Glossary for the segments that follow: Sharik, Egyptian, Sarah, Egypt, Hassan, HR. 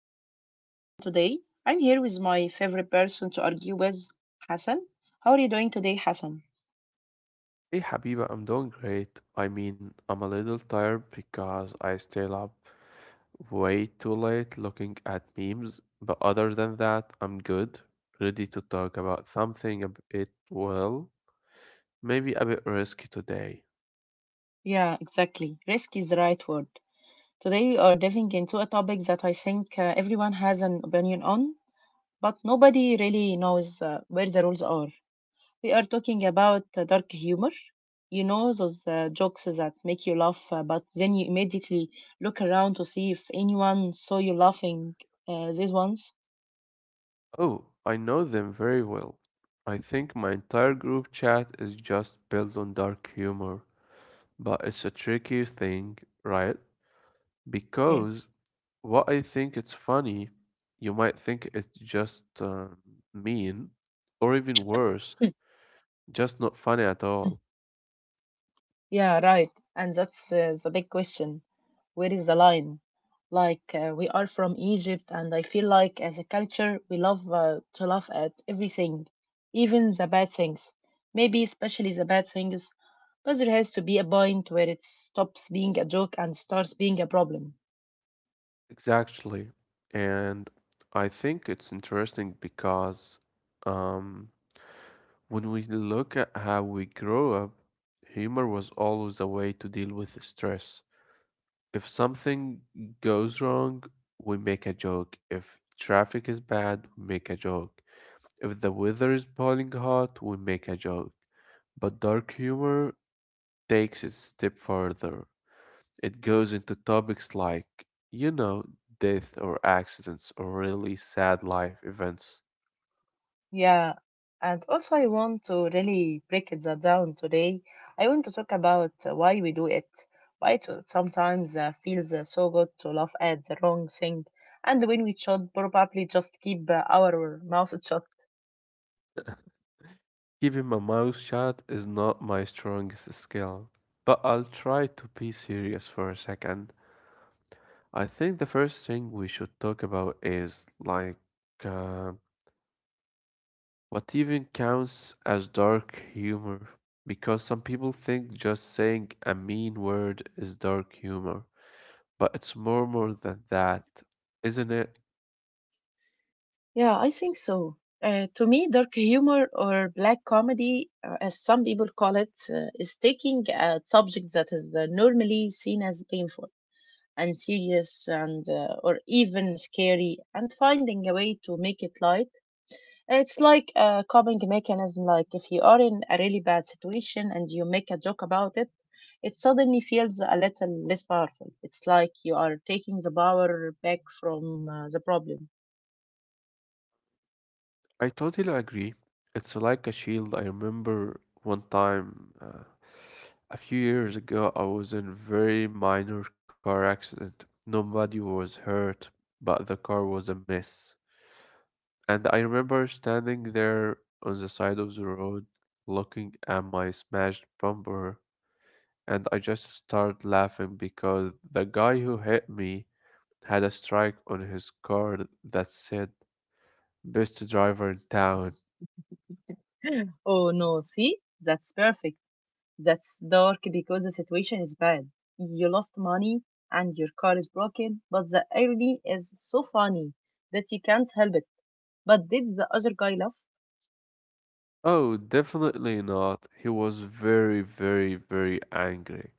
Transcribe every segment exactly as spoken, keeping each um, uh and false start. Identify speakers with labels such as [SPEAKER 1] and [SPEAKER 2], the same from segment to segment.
[SPEAKER 1] glad you are tuning in today. I'm here with my favorite person to argue with, Hassan. How are you doing today, Hassan?
[SPEAKER 2] Hey Habiba, I'm doing great. I mean, I'm a little tired because I stayed up way too late looking at memes, but other than that, I'm good, ready to talk about something a bit, well, maybe a bit risky today.
[SPEAKER 1] Yeah, exactly. Risk is the right word. Today we are diving into a topic that I think uh, everyone has an opinion on, but nobody really knows uh, where the rules are. We are talking about uh, dark humor. You know, those uh, jokes that make you laugh, uh, but then you immediately look around to see if anyone saw you laughing uh, these ones.
[SPEAKER 2] Oh, I know them very well. I think my entire group chat is just built on dark humor, but it's a tricky thing, right? Because what I think it's funny, you might think it's just um, mean, or even worse,
[SPEAKER 1] Hmm,
[SPEAKER 2] just not funny at
[SPEAKER 1] hmm.
[SPEAKER 2] all.
[SPEAKER 1] Yeah, right. And that's uh, the big question. Where is the line? Like, uh, we are from Egypt, and I feel like as a culture, we love uh, to laugh at everything, even the bad things. Maybe especially the bad things, but there has to be a point where it stops being a joke and starts being a problem.
[SPEAKER 2] Exactly. And I think it's interesting because um, when we look at how we grow up, humor was always a way to deal with stress. If something goes wrong, we make a joke. If traffic is bad, we make a joke. If the weather is boiling hot, we make a joke. But dark humor takes it a step further. It goes into topics like, you know, death or accidents or really sad life events.
[SPEAKER 1] Yeah, and also I want to really break it that down today. I want to talk about uh, why we do it, why it sometimes uh, feels uh, so good to laugh at the wrong thing, and when we should probably just keep uh, our mouth shut.
[SPEAKER 2] Keeping my mouth shut is not my strongest skill, but I'll try to be serious for a second. I think the first thing we should talk about is like uh, what even counts as dark humor? Because some people think just saying a mean word is dark humor, but it's more more than that, isn't it?
[SPEAKER 1] Yeah, I think so. Uh, to me, dark humor or black comedy, uh, as some people call it, uh, is taking a subject that is uh, normally seen as painful and serious and uh, or even scary, and finding a way to make it light. It's like a coping mechanism. Like if you are in a really bad situation and you make a joke about it, it suddenly feels a little less powerful. It's like you are taking the power back from uh, the problem.
[SPEAKER 2] I totally agree. It's like a shield. I remember one time uh, a few years ago, I was in a very minor car accident. Nobody was hurt, but the car was a mess. And I remember standing there on the side of the road looking at my smashed bumper, and I just started laughing because the guy who hit me had a strike on his car that said, "Best driver in town."
[SPEAKER 1] Oh no, see, that's perfect. That's dark because the situation is bad. You lost money and your car is broken, but the irony is so funny that you can't help it. But did the other guy laugh?
[SPEAKER 2] Oh, definitely not. He was very, very, very angry.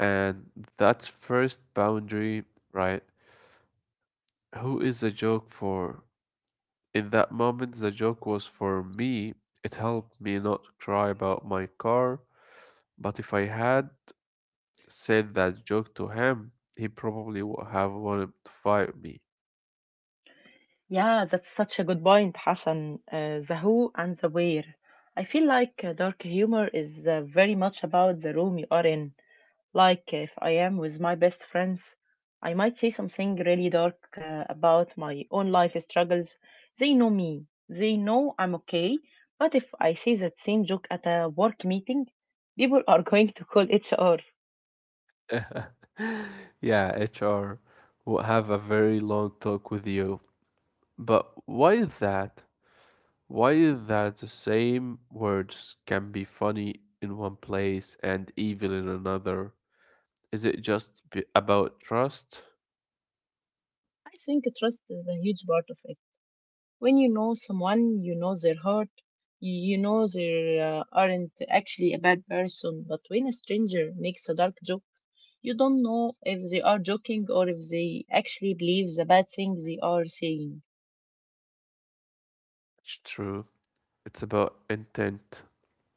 [SPEAKER 2] And that's first boundary, right? Who is the joke for? In that moment, the joke was for me. It helped me not cry about my car, but if I had said that joke to him, he probably would have wanted to fight me.
[SPEAKER 1] Yeah, that's such a good point, Hassan. Uh, the who and the where. I feel like uh, dark humor is uh, very much about the room you are in. Like if I am with my best friends, I might say something really dark uh, about my own life struggles. They know me, they know I'm okay. But if I say that same joke at a work meeting, people are going to call H R.
[SPEAKER 2] Yeah, H R will have a very long talk with you. But why is that? Why is that the same words can be funny in one place and evil in another? Is it just b- about trust?
[SPEAKER 1] I think trust is a huge part of it. When you know someone, you know their heart, you know they uh, aren't actually a bad person, but when a stranger makes a dark joke, you don't know if they are joking or if they actually believe the bad thing they are saying.
[SPEAKER 2] It's true. It's about intent.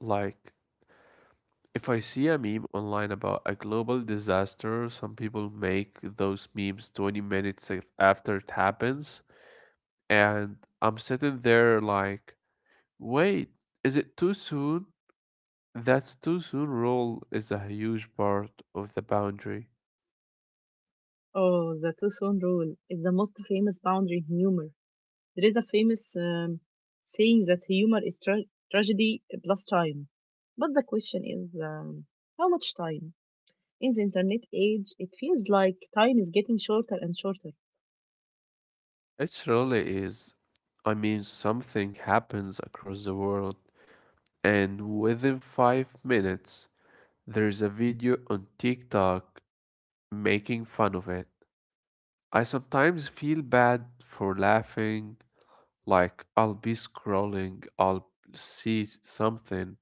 [SPEAKER 2] Like, if I see a meme online about a global disaster, some people make those memes twenty minutes af- after it happens. And I'm sitting there like, wait, is it too soon? That's too soon rule is a huge part of the boundary.
[SPEAKER 1] Oh, the two tone rule is the most famous boundary in humor. There is a famous um, saying that humor is tra- tragedy plus time. But the question is, um, how much time? In the internet age, it feels like time is getting shorter and shorter.
[SPEAKER 2] It really is. I mean, something happens across the world, and within five minutes, there's a video on TikTok making fun of it. I sometimes feel bad for laughing, like I'll be scrolling, I'll see something,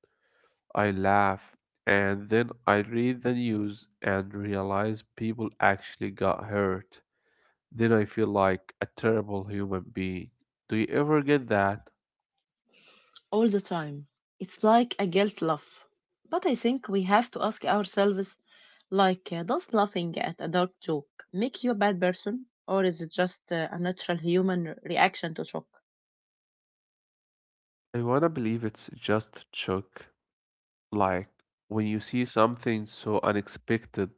[SPEAKER 2] I laugh, and then I read the news and realize people actually got hurt. Then I feel like a terrible human being. Do you ever get that?
[SPEAKER 1] All the time. It's like a guilt laugh. But I think we have to ask ourselves, like, uh, does laughing at a dark joke make you a bad person? Or is it just uh, a natural human re- reaction to shock?
[SPEAKER 2] I wanna believe it's just shock, like when you see something so unexpected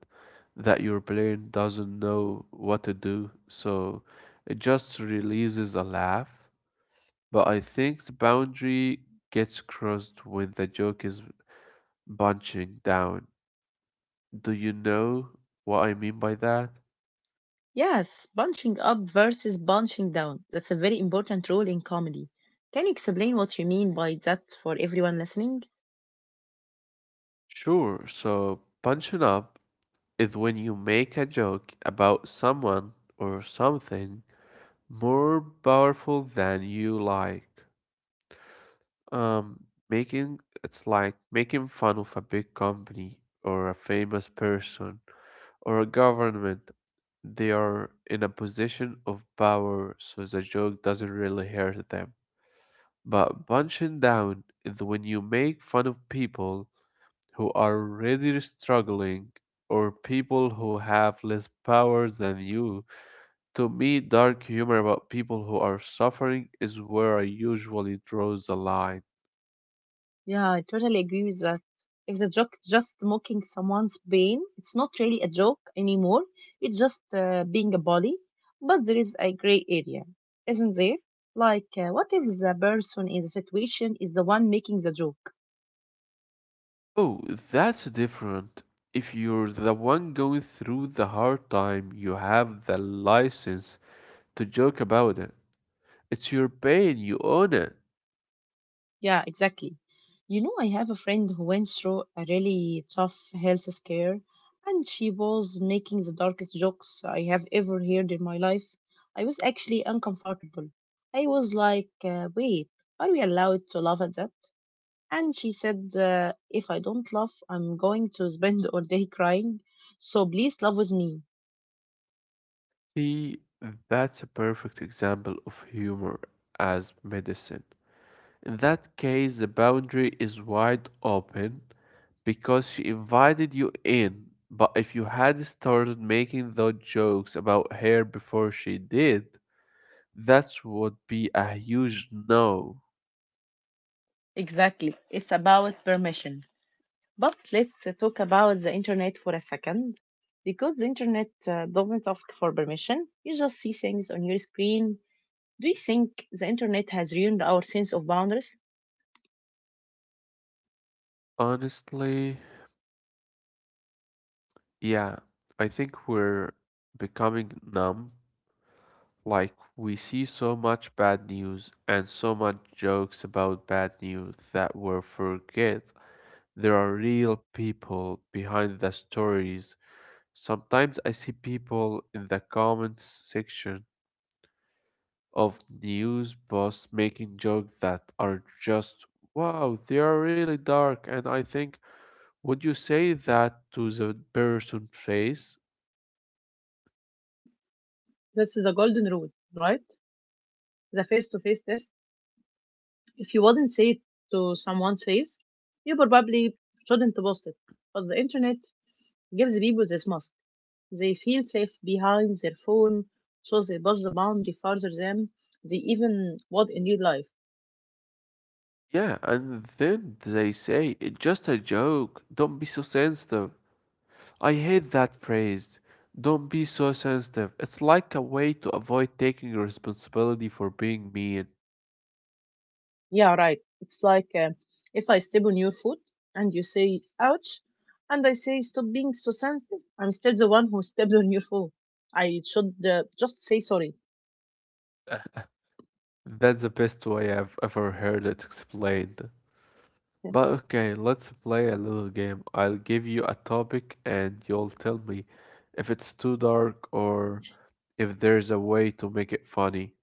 [SPEAKER 2] that your brain doesn't know what to do, so it just releases a laugh. But I think the boundary gets crossed when the joke is bunching down. Do you know what I mean by that?
[SPEAKER 1] Yes, punching up versus punching down. That's a very important rule in comedy. Can you explain what you mean by that for everyone listening?
[SPEAKER 2] Sure, so punching up is when you make a joke about someone or something more powerful than you like. Um, making it's like making fun of a big company or a famous person or a government. They are in a position of power, so the joke doesn't really hurt them. But punching down is when you make fun of people who are already struggling or people who have less power than you. To me, dark humor about people who are suffering is where I usually draw the line.
[SPEAKER 1] Yeah, I totally agree with that. If the joke is just mocking someone's pain, it's not really a joke anymore. It's just uh, being a bully. But there is a gray area, isn't there? Like, uh, what if the person in the situation is the one making the joke?
[SPEAKER 2] Oh, that's different. If you're the one going through the hard time, you have the license to joke about it. It's your pain, you own it.
[SPEAKER 1] Yeah, exactly. You know, I have a friend who went through a really tough health scare, and she was making the darkest jokes I have ever heard in my life. I was actually uncomfortable. I was like, uh, wait, are we allowed to laugh at that? And she said, uh, if I don't laugh, I'm going to spend all day crying. So please laugh with me.
[SPEAKER 2] See, that's a perfect example of humor as medicine. In that case, the boundary is wide open because she invited you in. But if you had started making those jokes about her before she did, that's would be a huge no.
[SPEAKER 1] Exactly. It's about permission. But let's uh, talk about the internet for a second, because the internet uh, doesn't ask for permission. You just see things on your screen. Do you think the internet has ruined our sense of boundaries?
[SPEAKER 2] Honestly, yeah, I think we're becoming numb. Like, we see so much bad news and so much jokes about bad news that we forget there are real people behind the stories. Sometimes I see people in the comments section of news posts making jokes that are just, wow, they are really dark. And I think, would you say that to the person's face?
[SPEAKER 1] That's the golden rule, right? The face to face test. If you wouldn't say it to someone's face, you probably shouldn't post it. But the internet gives people this must. They feel safe behind their phone, so they push the boundary further than they even would in real life.
[SPEAKER 2] Yeah, and then they say, it's just a joke. Don't be so sensitive. I hate that phrase. Don't be so sensitive. It's like a way to avoid taking responsibility for being mean.
[SPEAKER 1] Yeah, right. It's like, uh, if I step on your foot and you say, ouch, and I say, stop being so sensitive. I'm still the one who stepped on your foot. I should uh, just say sorry.
[SPEAKER 2] That's the best way I've ever heard it explained.
[SPEAKER 1] Yeah.
[SPEAKER 2] But okay, let's play a little game. I'll give you a topic and you'll tell me if it's too dark or if there's a way to make it funny.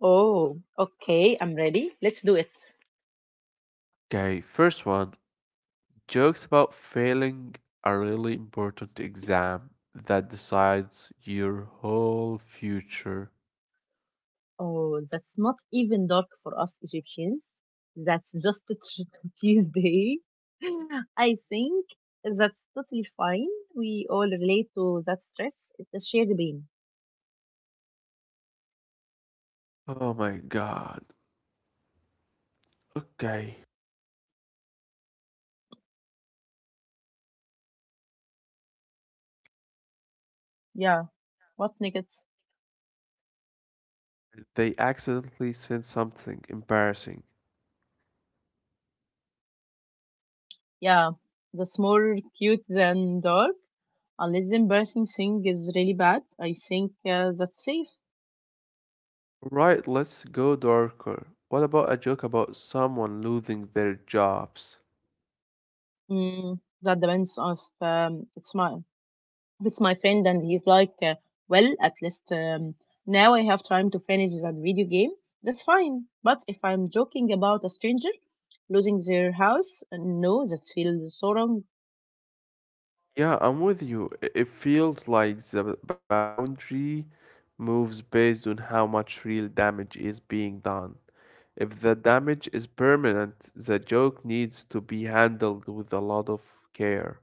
[SPEAKER 1] Oh, okay, I'm ready. Let's do it.
[SPEAKER 2] Okay, first one, jokes about failing a really important exam that decides your whole future.
[SPEAKER 1] Oh, that's not even dark for us Egyptians. That's just a tr- Tuesday. I think that's totally fine. We all relate to that stress. It's a shared pain.
[SPEAKER 2] Oh my god. Okay.
[SPEAKER 1] Yeah, what niggas?
[SPEAKER 2] They accidentally said something embarrassing.
[SPEAKER 1] Yeah, that's more cute than dark. Unless the embarrassing thing is really bad, I think uh, that's safe.
[SPEAKER 2] Right, let's go darker. What about a joke about someone losing their jobs?
[SPEAKER 1] Mm, that depends on, um, it's my it's my friend and he's like, uh, well, at least um, now I have time to finish that video game. That's fine. But if I'm joking about a stranger losing their house, uh, no, that feels so wrong.
[SPEAKER 2] Yeah, I'm with you. I- It feels like the boundary moves based on how much real damage is being done. If the damage is permanent, the joke needs to be handled with a lot of care.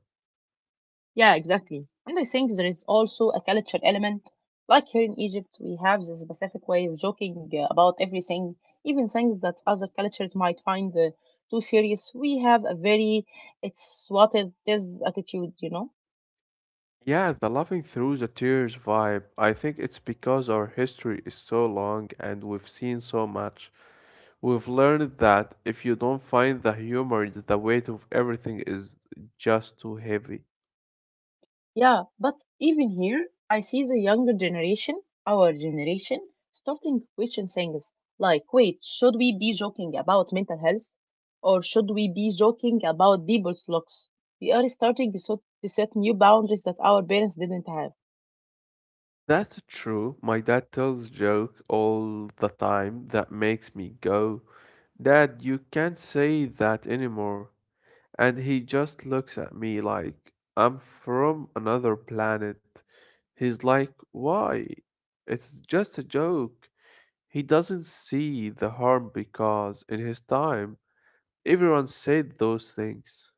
[SPEAKER 1] Yeah, exactly. And I think there is also a culture element. Like here in Egypt, we have this specific way of joking uh, about everything, even things that other cultures might find uh, too serious. We have a very, it's what it is attitude, you know?
[SPEAKER 2] Yeah, the laughing through the tears vibe. I think it's because our history is so long and we've seen so much. We've learned that if you don't find the humor, the weight of everything is just too heavy.
[SPEAKER 1] Yeah, but even here, I see the younger generation, our generation, starting to question things like, wait, should we be joking about mental health? Or should we be joking about people's looks? We are starting to so- to set new boundaries that our parents didn't have.
[SPEAKER 2] That's true. My dad tells joke all the time that makes me go, "Dad, you can't say that anymore." And he just looks at me like I'm from another planet. He's like, "Why? It's just a joke." He doesn't see the harm because, in his time, everyone said those things.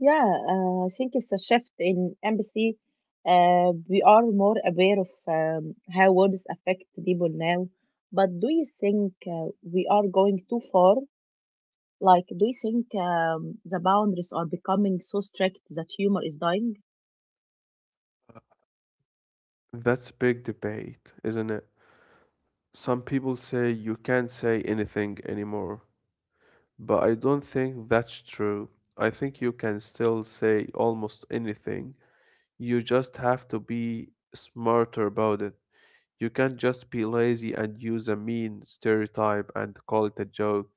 [SPEAKER 1] Yeah, uh, I think it's a shift in empathy. Uh, we are more aware of um, how words affect people now. But do you think uh, we are going too far? Like, do you think um, the boundaries are becoming so strict that humor is dying?
[SPEAKER 2] That's a big debate, isn't it? Some people say you can't say anything anymore, but I don't think that's true. I think you can still say almost anything. You just have to be smarter about it. You can't just be lazy and use a mean stereotype and call it a joke.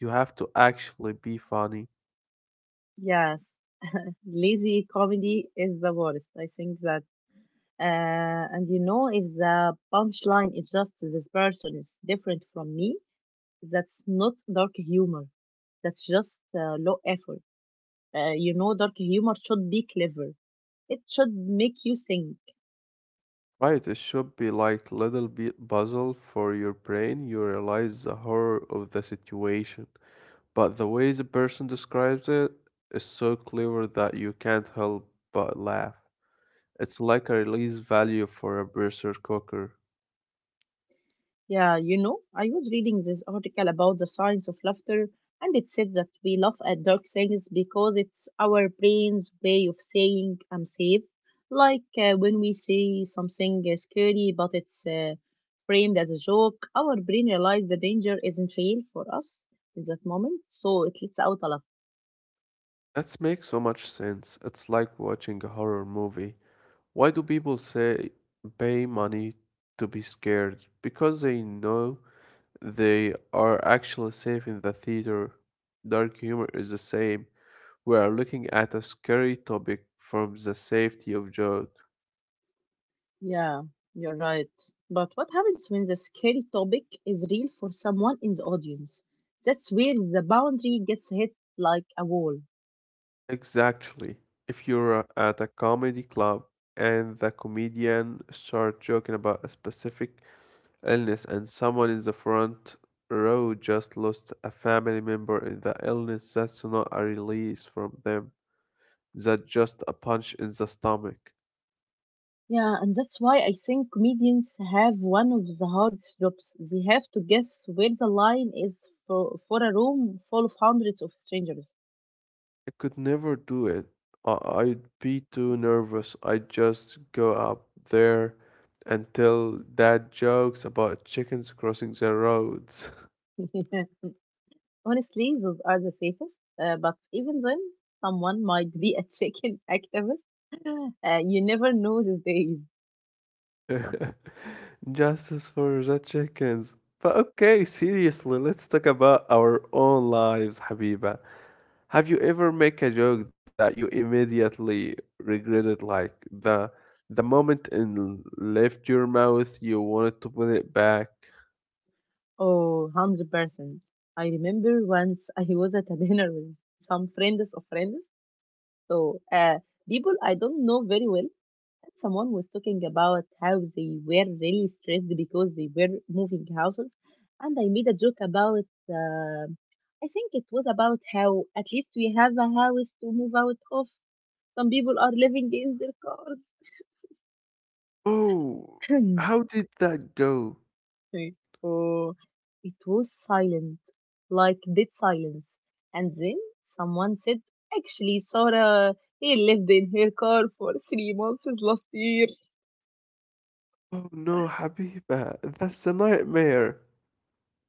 [SPEAKER 2] You have to actually be funny.
[SPEAKER 1] Yes, lazy comedy is the worst. I think that, uh, and you know, if the punchline is just this person is different from me, that's not dark humor. That's just uh, low effort. Uh, you know, dark humor should be clever. It should make you think.
[SPEAKER 2] Right, it should be like little bit puzzle for your brain. You realize the horror of the situation, but the way the person describes it is so clever that you can't help but laugh. It's like a release value for a pressure cooker.
[SPEAKER 1] Yeah, you know, I was reading this article about the science of laughter, and it said that we laugh at dark things because it's our brain's way of saying I'm safe. Like uh, when we see something uh, scary but it's uh, framed as a joke, our brain realizes the danger isn't real for us in that moment, so it lets out a laugh.
[SPEAKER 2] That makes so much sense. It's like watching a horror movie. Why do people say pay money to be scared? Because they know they are actually safe in the theater. Dark humor is the same. We are looking at a scary topic from the safety of joke.
[SPEAKER 1] Yeah, you're right. But what happens when the scary topic is real for someone in the audience? That's where the boundary gets hit like a wall.
[SPEAKER 2] Exactly. If you're at a comedy club and the comedian starts joking about a specific illness and someone in the front row just lost a family member in the illness, that's not a release from them. That just a punch in the stomach.
[SPEAKER 1] Yeah, and that's why I think comedians have one of the hardest jobs. They have to guess where the line is for, for a room full of hundreds of strangers.
[SPEAKER 2] I could never do it. I- I'd be too nervous. I'd just go up there and tell dad jokes about chickens crossing the roads.
[SPEAKER 1] Honestly, those are the safest. Uh, but even then, someone might be a chicken activist. Uh, you never know these days.
[SPEAKER 2] Justice for the chickens. But okay, seriously, let's talk about our own lives, Habiba. Have you ever make a joke that you immediately regretted, like the the moment it left your mouth, you wanted to put it back?
[SPEAKER 1] Oh, one hundred percent. I remember once I was at a dinner with some friends of friends. So, uh, people I don't know very well, someone was talking about how they were really stressed because they were moving houses, and I made a joke about, uh, I think it was about how at least we have a house to move out of, some people are living in their
[SPEAKER 2] Oh,
[SPEAKER 1] cars.
[SPEAKER 2] how did that go?
[SPEAKER 1] Oh, it was silent, like dead silence. And then someone said, actually Sarah, he lived in her car for three months last year.
[SPEAKER 2] Oh no, Habiba, that's a nightmare.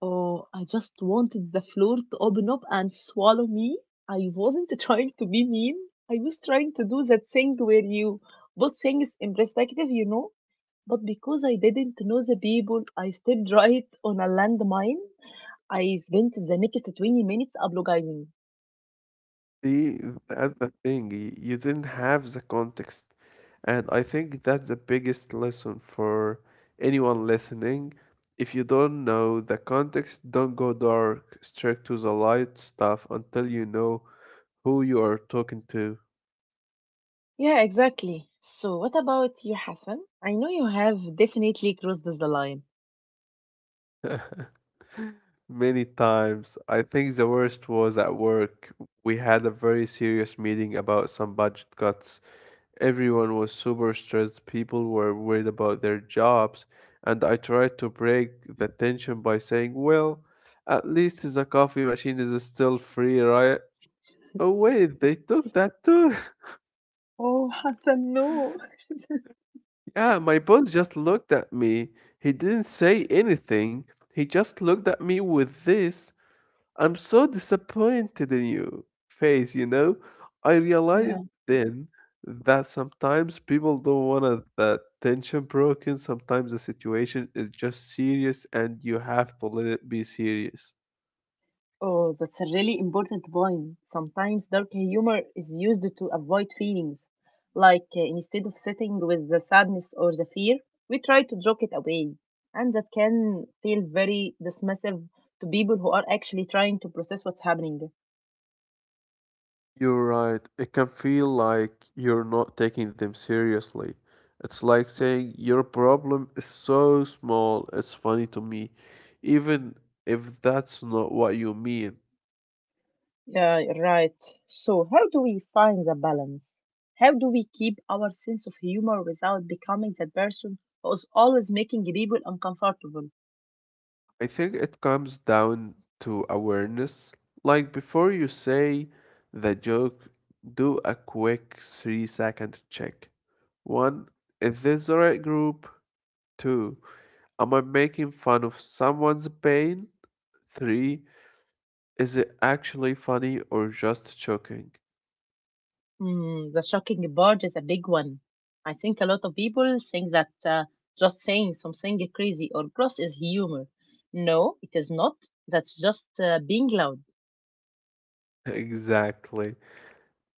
[SPEAKER 1] Oh, I just wanted the floor to open up and swallow me. I wasn't trying to be mean. I was trying to do that thing where you put things in perspective, you know. But because I didn't know the people, I stepped right on a landmine. I spent the next twenty minutes apologizing.
[SPEAKER 2] See, uh, that's the thing. y- You didn't have the context. And I think that's the biggest lesson for anyone listening. If you don't know the context, don't go dark, straight to the light stuff until you know who you are talking to.
[SPEAKER 1] Yeah, exactly. So, what about you, Hassan? I know you have definitely crossed the line.
[SPEAKER 2] Many times, I think the worst was at work. We had a very serious meeting about some budget cuts. Everyone was super stressed, people were worried about their jobs, and I tried to break the tension by saying, "Well, at least the coffee machine is still free, right? Oh, wait, they took that too."
[SPEAKER 1] Oh, Hassan, no.
[SPEAKER 2] Yeah, my boss just looked at me. He didn't say anything, he just looked at me with this "I'm so disappointed in you" face, you know? I realized then that sometimes people don't want that tension broken. Sometimes the situation is just serious and you have to let it be serious.
[SPEAKER 1] Oh, that's a really important point. Sometimes dark humor is used to avoid feelings. Like uh, instead of sitting with the sadness or the fear, we try to joke it away. And that can feel very dismissive to people who are actually trying to process what's happening.
[SPEAKER 2] You're right. It can feel like you're not taking them seriously. It's like saying your problem is so small, it's funny to me, even if that's not what you mean.
[SPEAKER 1] Yeah, right. So, how do we find the balance? How do we keep our sense of humor without becoming that person who is always making people uncomfortable?
[SPEAKER 2] I think it comes down to awareness. Like before you say the joke, do a quick three second check. One, is this the right group? Two, am I making fun of someone's pain? Three, is it actually funny or just joking?
[SPEAKER 1] Mm, the shocking part is a big one. I think a lot of people think that uh, just saying something crazy or gross is humor. No, it is not. That's just uh, being loud.
[SPEAKER 2] Exactly.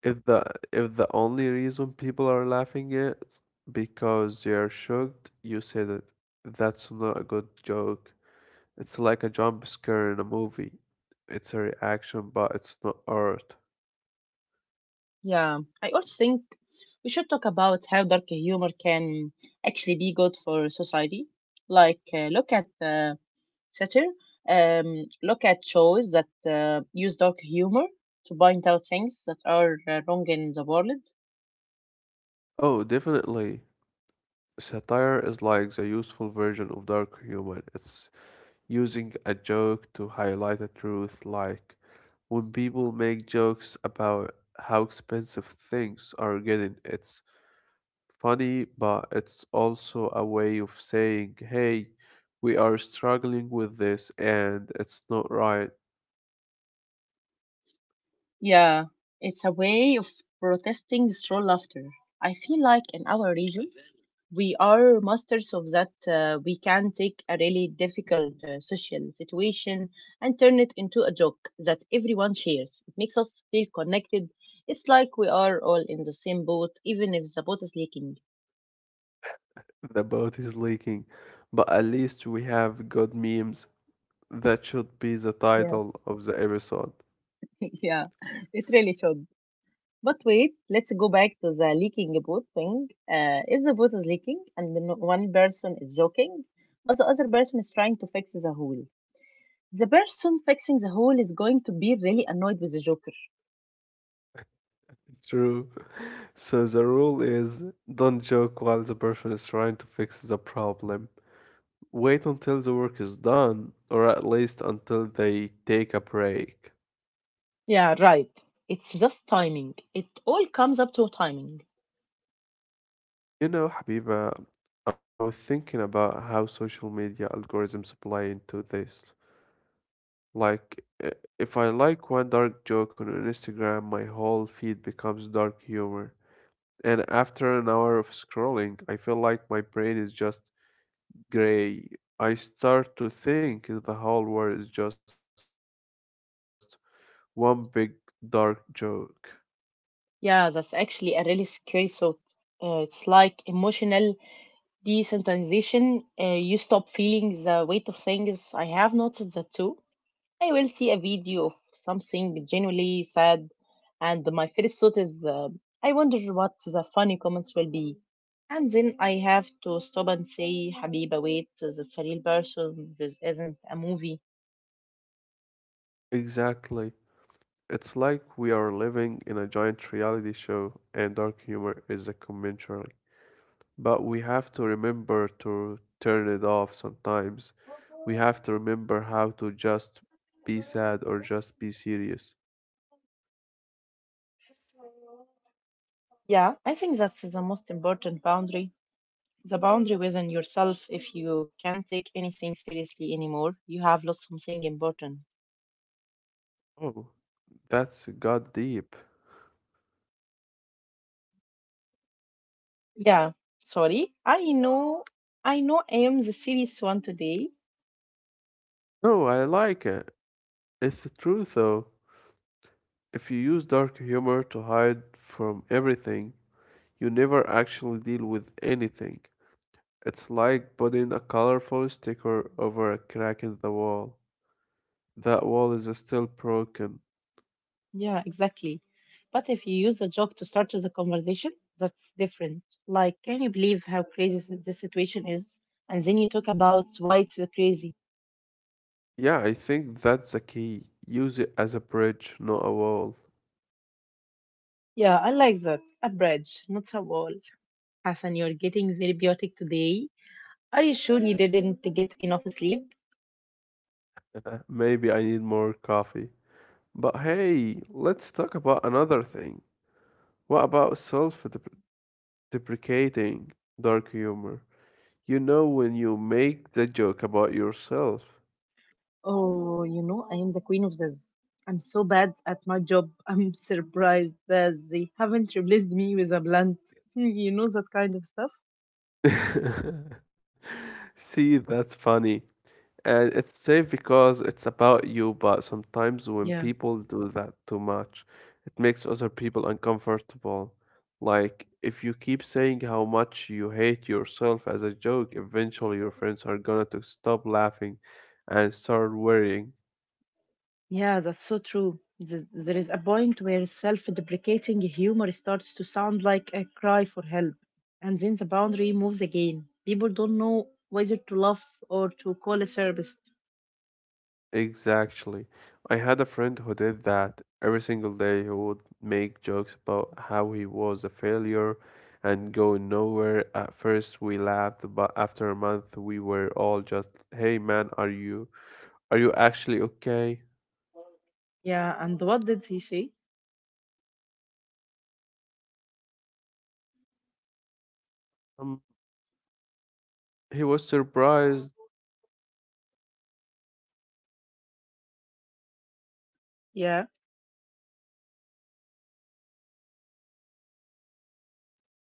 [SPEAKER 2] If the if the only reason people are laughing is because they are shocked, you said it. That's not a good joke. It's like a jump scare in a movie. It's a reaction, but it's not art.
[SPEAKER 1] Yeah, I also think we should talk about how dark humor can actually be good for society. Like, uh, look at uh, satire, um, look at shows that uh, use dark humor to point out things that are uh, wrong in the world.
[SPEAKER 2] Oh, definitely. Satire is like the useful version of dark humor. It's using a joke to highlight a truth, like when people make jokes about how expensive things are getting, it's funny, but it's also a way of saying, "Hey, we are struggling with this and it's not right."
[SPEAKER 1] Yeah, it's a way of protesting through laughter. I feel like in our region, we are masters of that. Uh, we can take a really difficult uh, social situation and turn it into a joke that everyone shares. It makes us feel connected. It's like we are all in the same boat, even if the boat is leaking.
[SPEAKER 2] The boat is leaking, but at least we have good memes. That should be the
[SPEAKER 1] Yeah,
[SPEAKER 2] title of the episode.
[SPEAKER 1] yeah, it really should. But wait, let's go back to the leaking boat thing. Uh, if the boat is leaking and the n- one person is joking, but the other person is trying to fix the hole, the person fixing the hole is going to be really annoyed with the joker.
[SPEAKER 2] True. So the rule is don't joke while the person is trying to fix the problem. Wait until the work is done, or at least until they take a break.
[SPEAKER 1] Yeah, right. It's just timing. It all comes up to timing.
[SPEAKER 2] You know, Habiba, I was thinking about how social media algorithms play into this. Like, i- if I like one dark joke on Instagram, my whole feed becomes dark humor. And after an hour of scrolling, I feel like my brain is just gray. I start to think the whole world is just one big dark joke.
[SPEAKER 1] Yeah, that's actually a really scary thought. Uh, it's like emotional desensitization. Uh, you stop feeling the weight of things. I have noticed that too. I will see a video of something genuinely sad, and my first thought is, uh, I wonder what the funny comments will be. And then I have to stop and say, Habiba, wait, that's a real person, this isn't a movie.
[SPEAKER 2] Exactly. It's like we are living in a giant reality show, and dark humor is a conventional. But we have to remember to turn it off sometimes. We have to remember how to just be sad or just be serious.
[SPEAKER 1] Yeah, I think that's the most important boundary. The boundary within yourself. If you can't take anything seriously anymore, you have lost something important.
[SPEAKER 2] Oh, that's got deep.
[SPEAKER 1] Yeah, sorry. I know, I know I am the serious one today.
[SPEAKER 2] No, I like it. It's the truth, though. If you use dark humor to hide from everything, you never actually deal with anything. It's like putting a colorful sticker over a crack in the wall. That wall is still broken.
[SPEAKER 1] Yeah, exactly. But if you use a joke to start the conversation, that's different. Like, can you believe how crazy thi- this situation is? And then you talk about why it's so crazy.
[SPEAKER 2] Yeah, I think that's the key. Use it as a bridge, not a wall.
[SPEAKER 1] Yeah, I like that. A bridge, not a wall. Hassan, you're getting very biotic today. Are you sure you didn't get enough sleep?
[SPEAKER 2] Maybe I need more coffee. But hey, let's talk about another thing. What about self-deprecating dark humor? You know when you make the joke about yourself.
[SPEAKER 1] Oh, you know, I am the queen of this. I'm so bad at my job. I'm surprised that they haven't replaced me with a blunt. You know that kind of stuff?
[SPEAKER 2] See, that's funny. And it's safe because it's about you, but sometimes when
[SPEAKER 1] Yeah.
[SPEAKER 2] people do that too much, it makes other people uncomfortable. Like, if you keep saying how much you hate yourself as a joke, eventually your friends are gonna to stop laughing and start worrying.
[SPEAKER 1] Yeah, that's so true. Th- There is a point where self deprecating humor starts to sound like a cry for help, and then the boundary moves again. People don't know whether to laugh or to call a therapist.
[SPEAKER 2] Exactly. I had a friend who did that. Every single day, he would make jokes about how he was a failure and going nowhere. At first, we laughed, but after a month, we were all just, "Hey, man, are you are you actually okay?"
[SPEAKER 1] Yeah, and what did he say?
[SPEAKER 2] Um, he was surprised.
[SPEAKER 1] Yeah,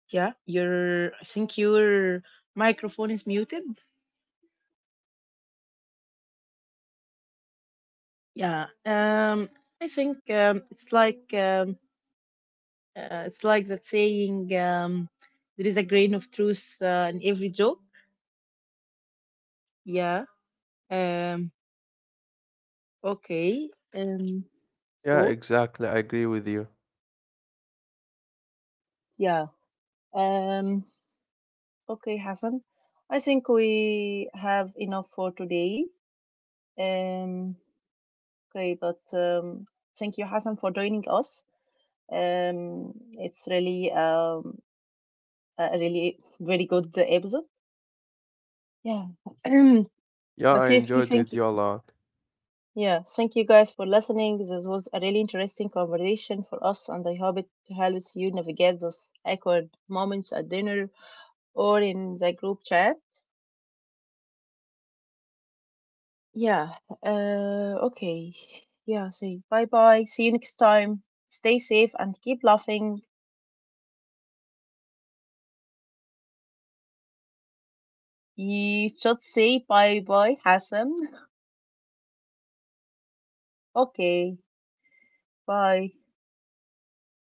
[SPEAKER 1] yeah, your I think your microphone is muted. Yeah, um, I think um, it's like um, uh, it's like that saying, um, there is a grain of truth uh, in every joke. Yeah. Um, Okay. Um.
[SPEAKER 2] Yeah,
[SPEAKER 1] So
[SPEAKER 2] exactly. I agree with you.
[SPEAKER 1] yeah. Um. Okay, Hassan. I think we have enough for today. Um. Okay, but um, thank you, Hassan, for joining us. Um. It's really um a really very good episode. Yeah.
[SPEAKER 2] Yeah,
[SPEAKER 1] But
[SPEAKER 2] I
[SPEAKER 1] seriously,
[SPEAKER 2] enjoyed with
[SPEAKER 1] thank you.
[SPEAKER 2] you a lot.
[SPEAKER 1] Yeah, thank you guys for listening. This was a really interesting conversation for us, and I hope it helps you navigate those awkward moments at dinner or in the group chat. Yeah. Uh, okay. Yeah. Say bye bye. See you next time. Stay safe and keep laughing. You should say bye bye, Hassan. Okay. Bye.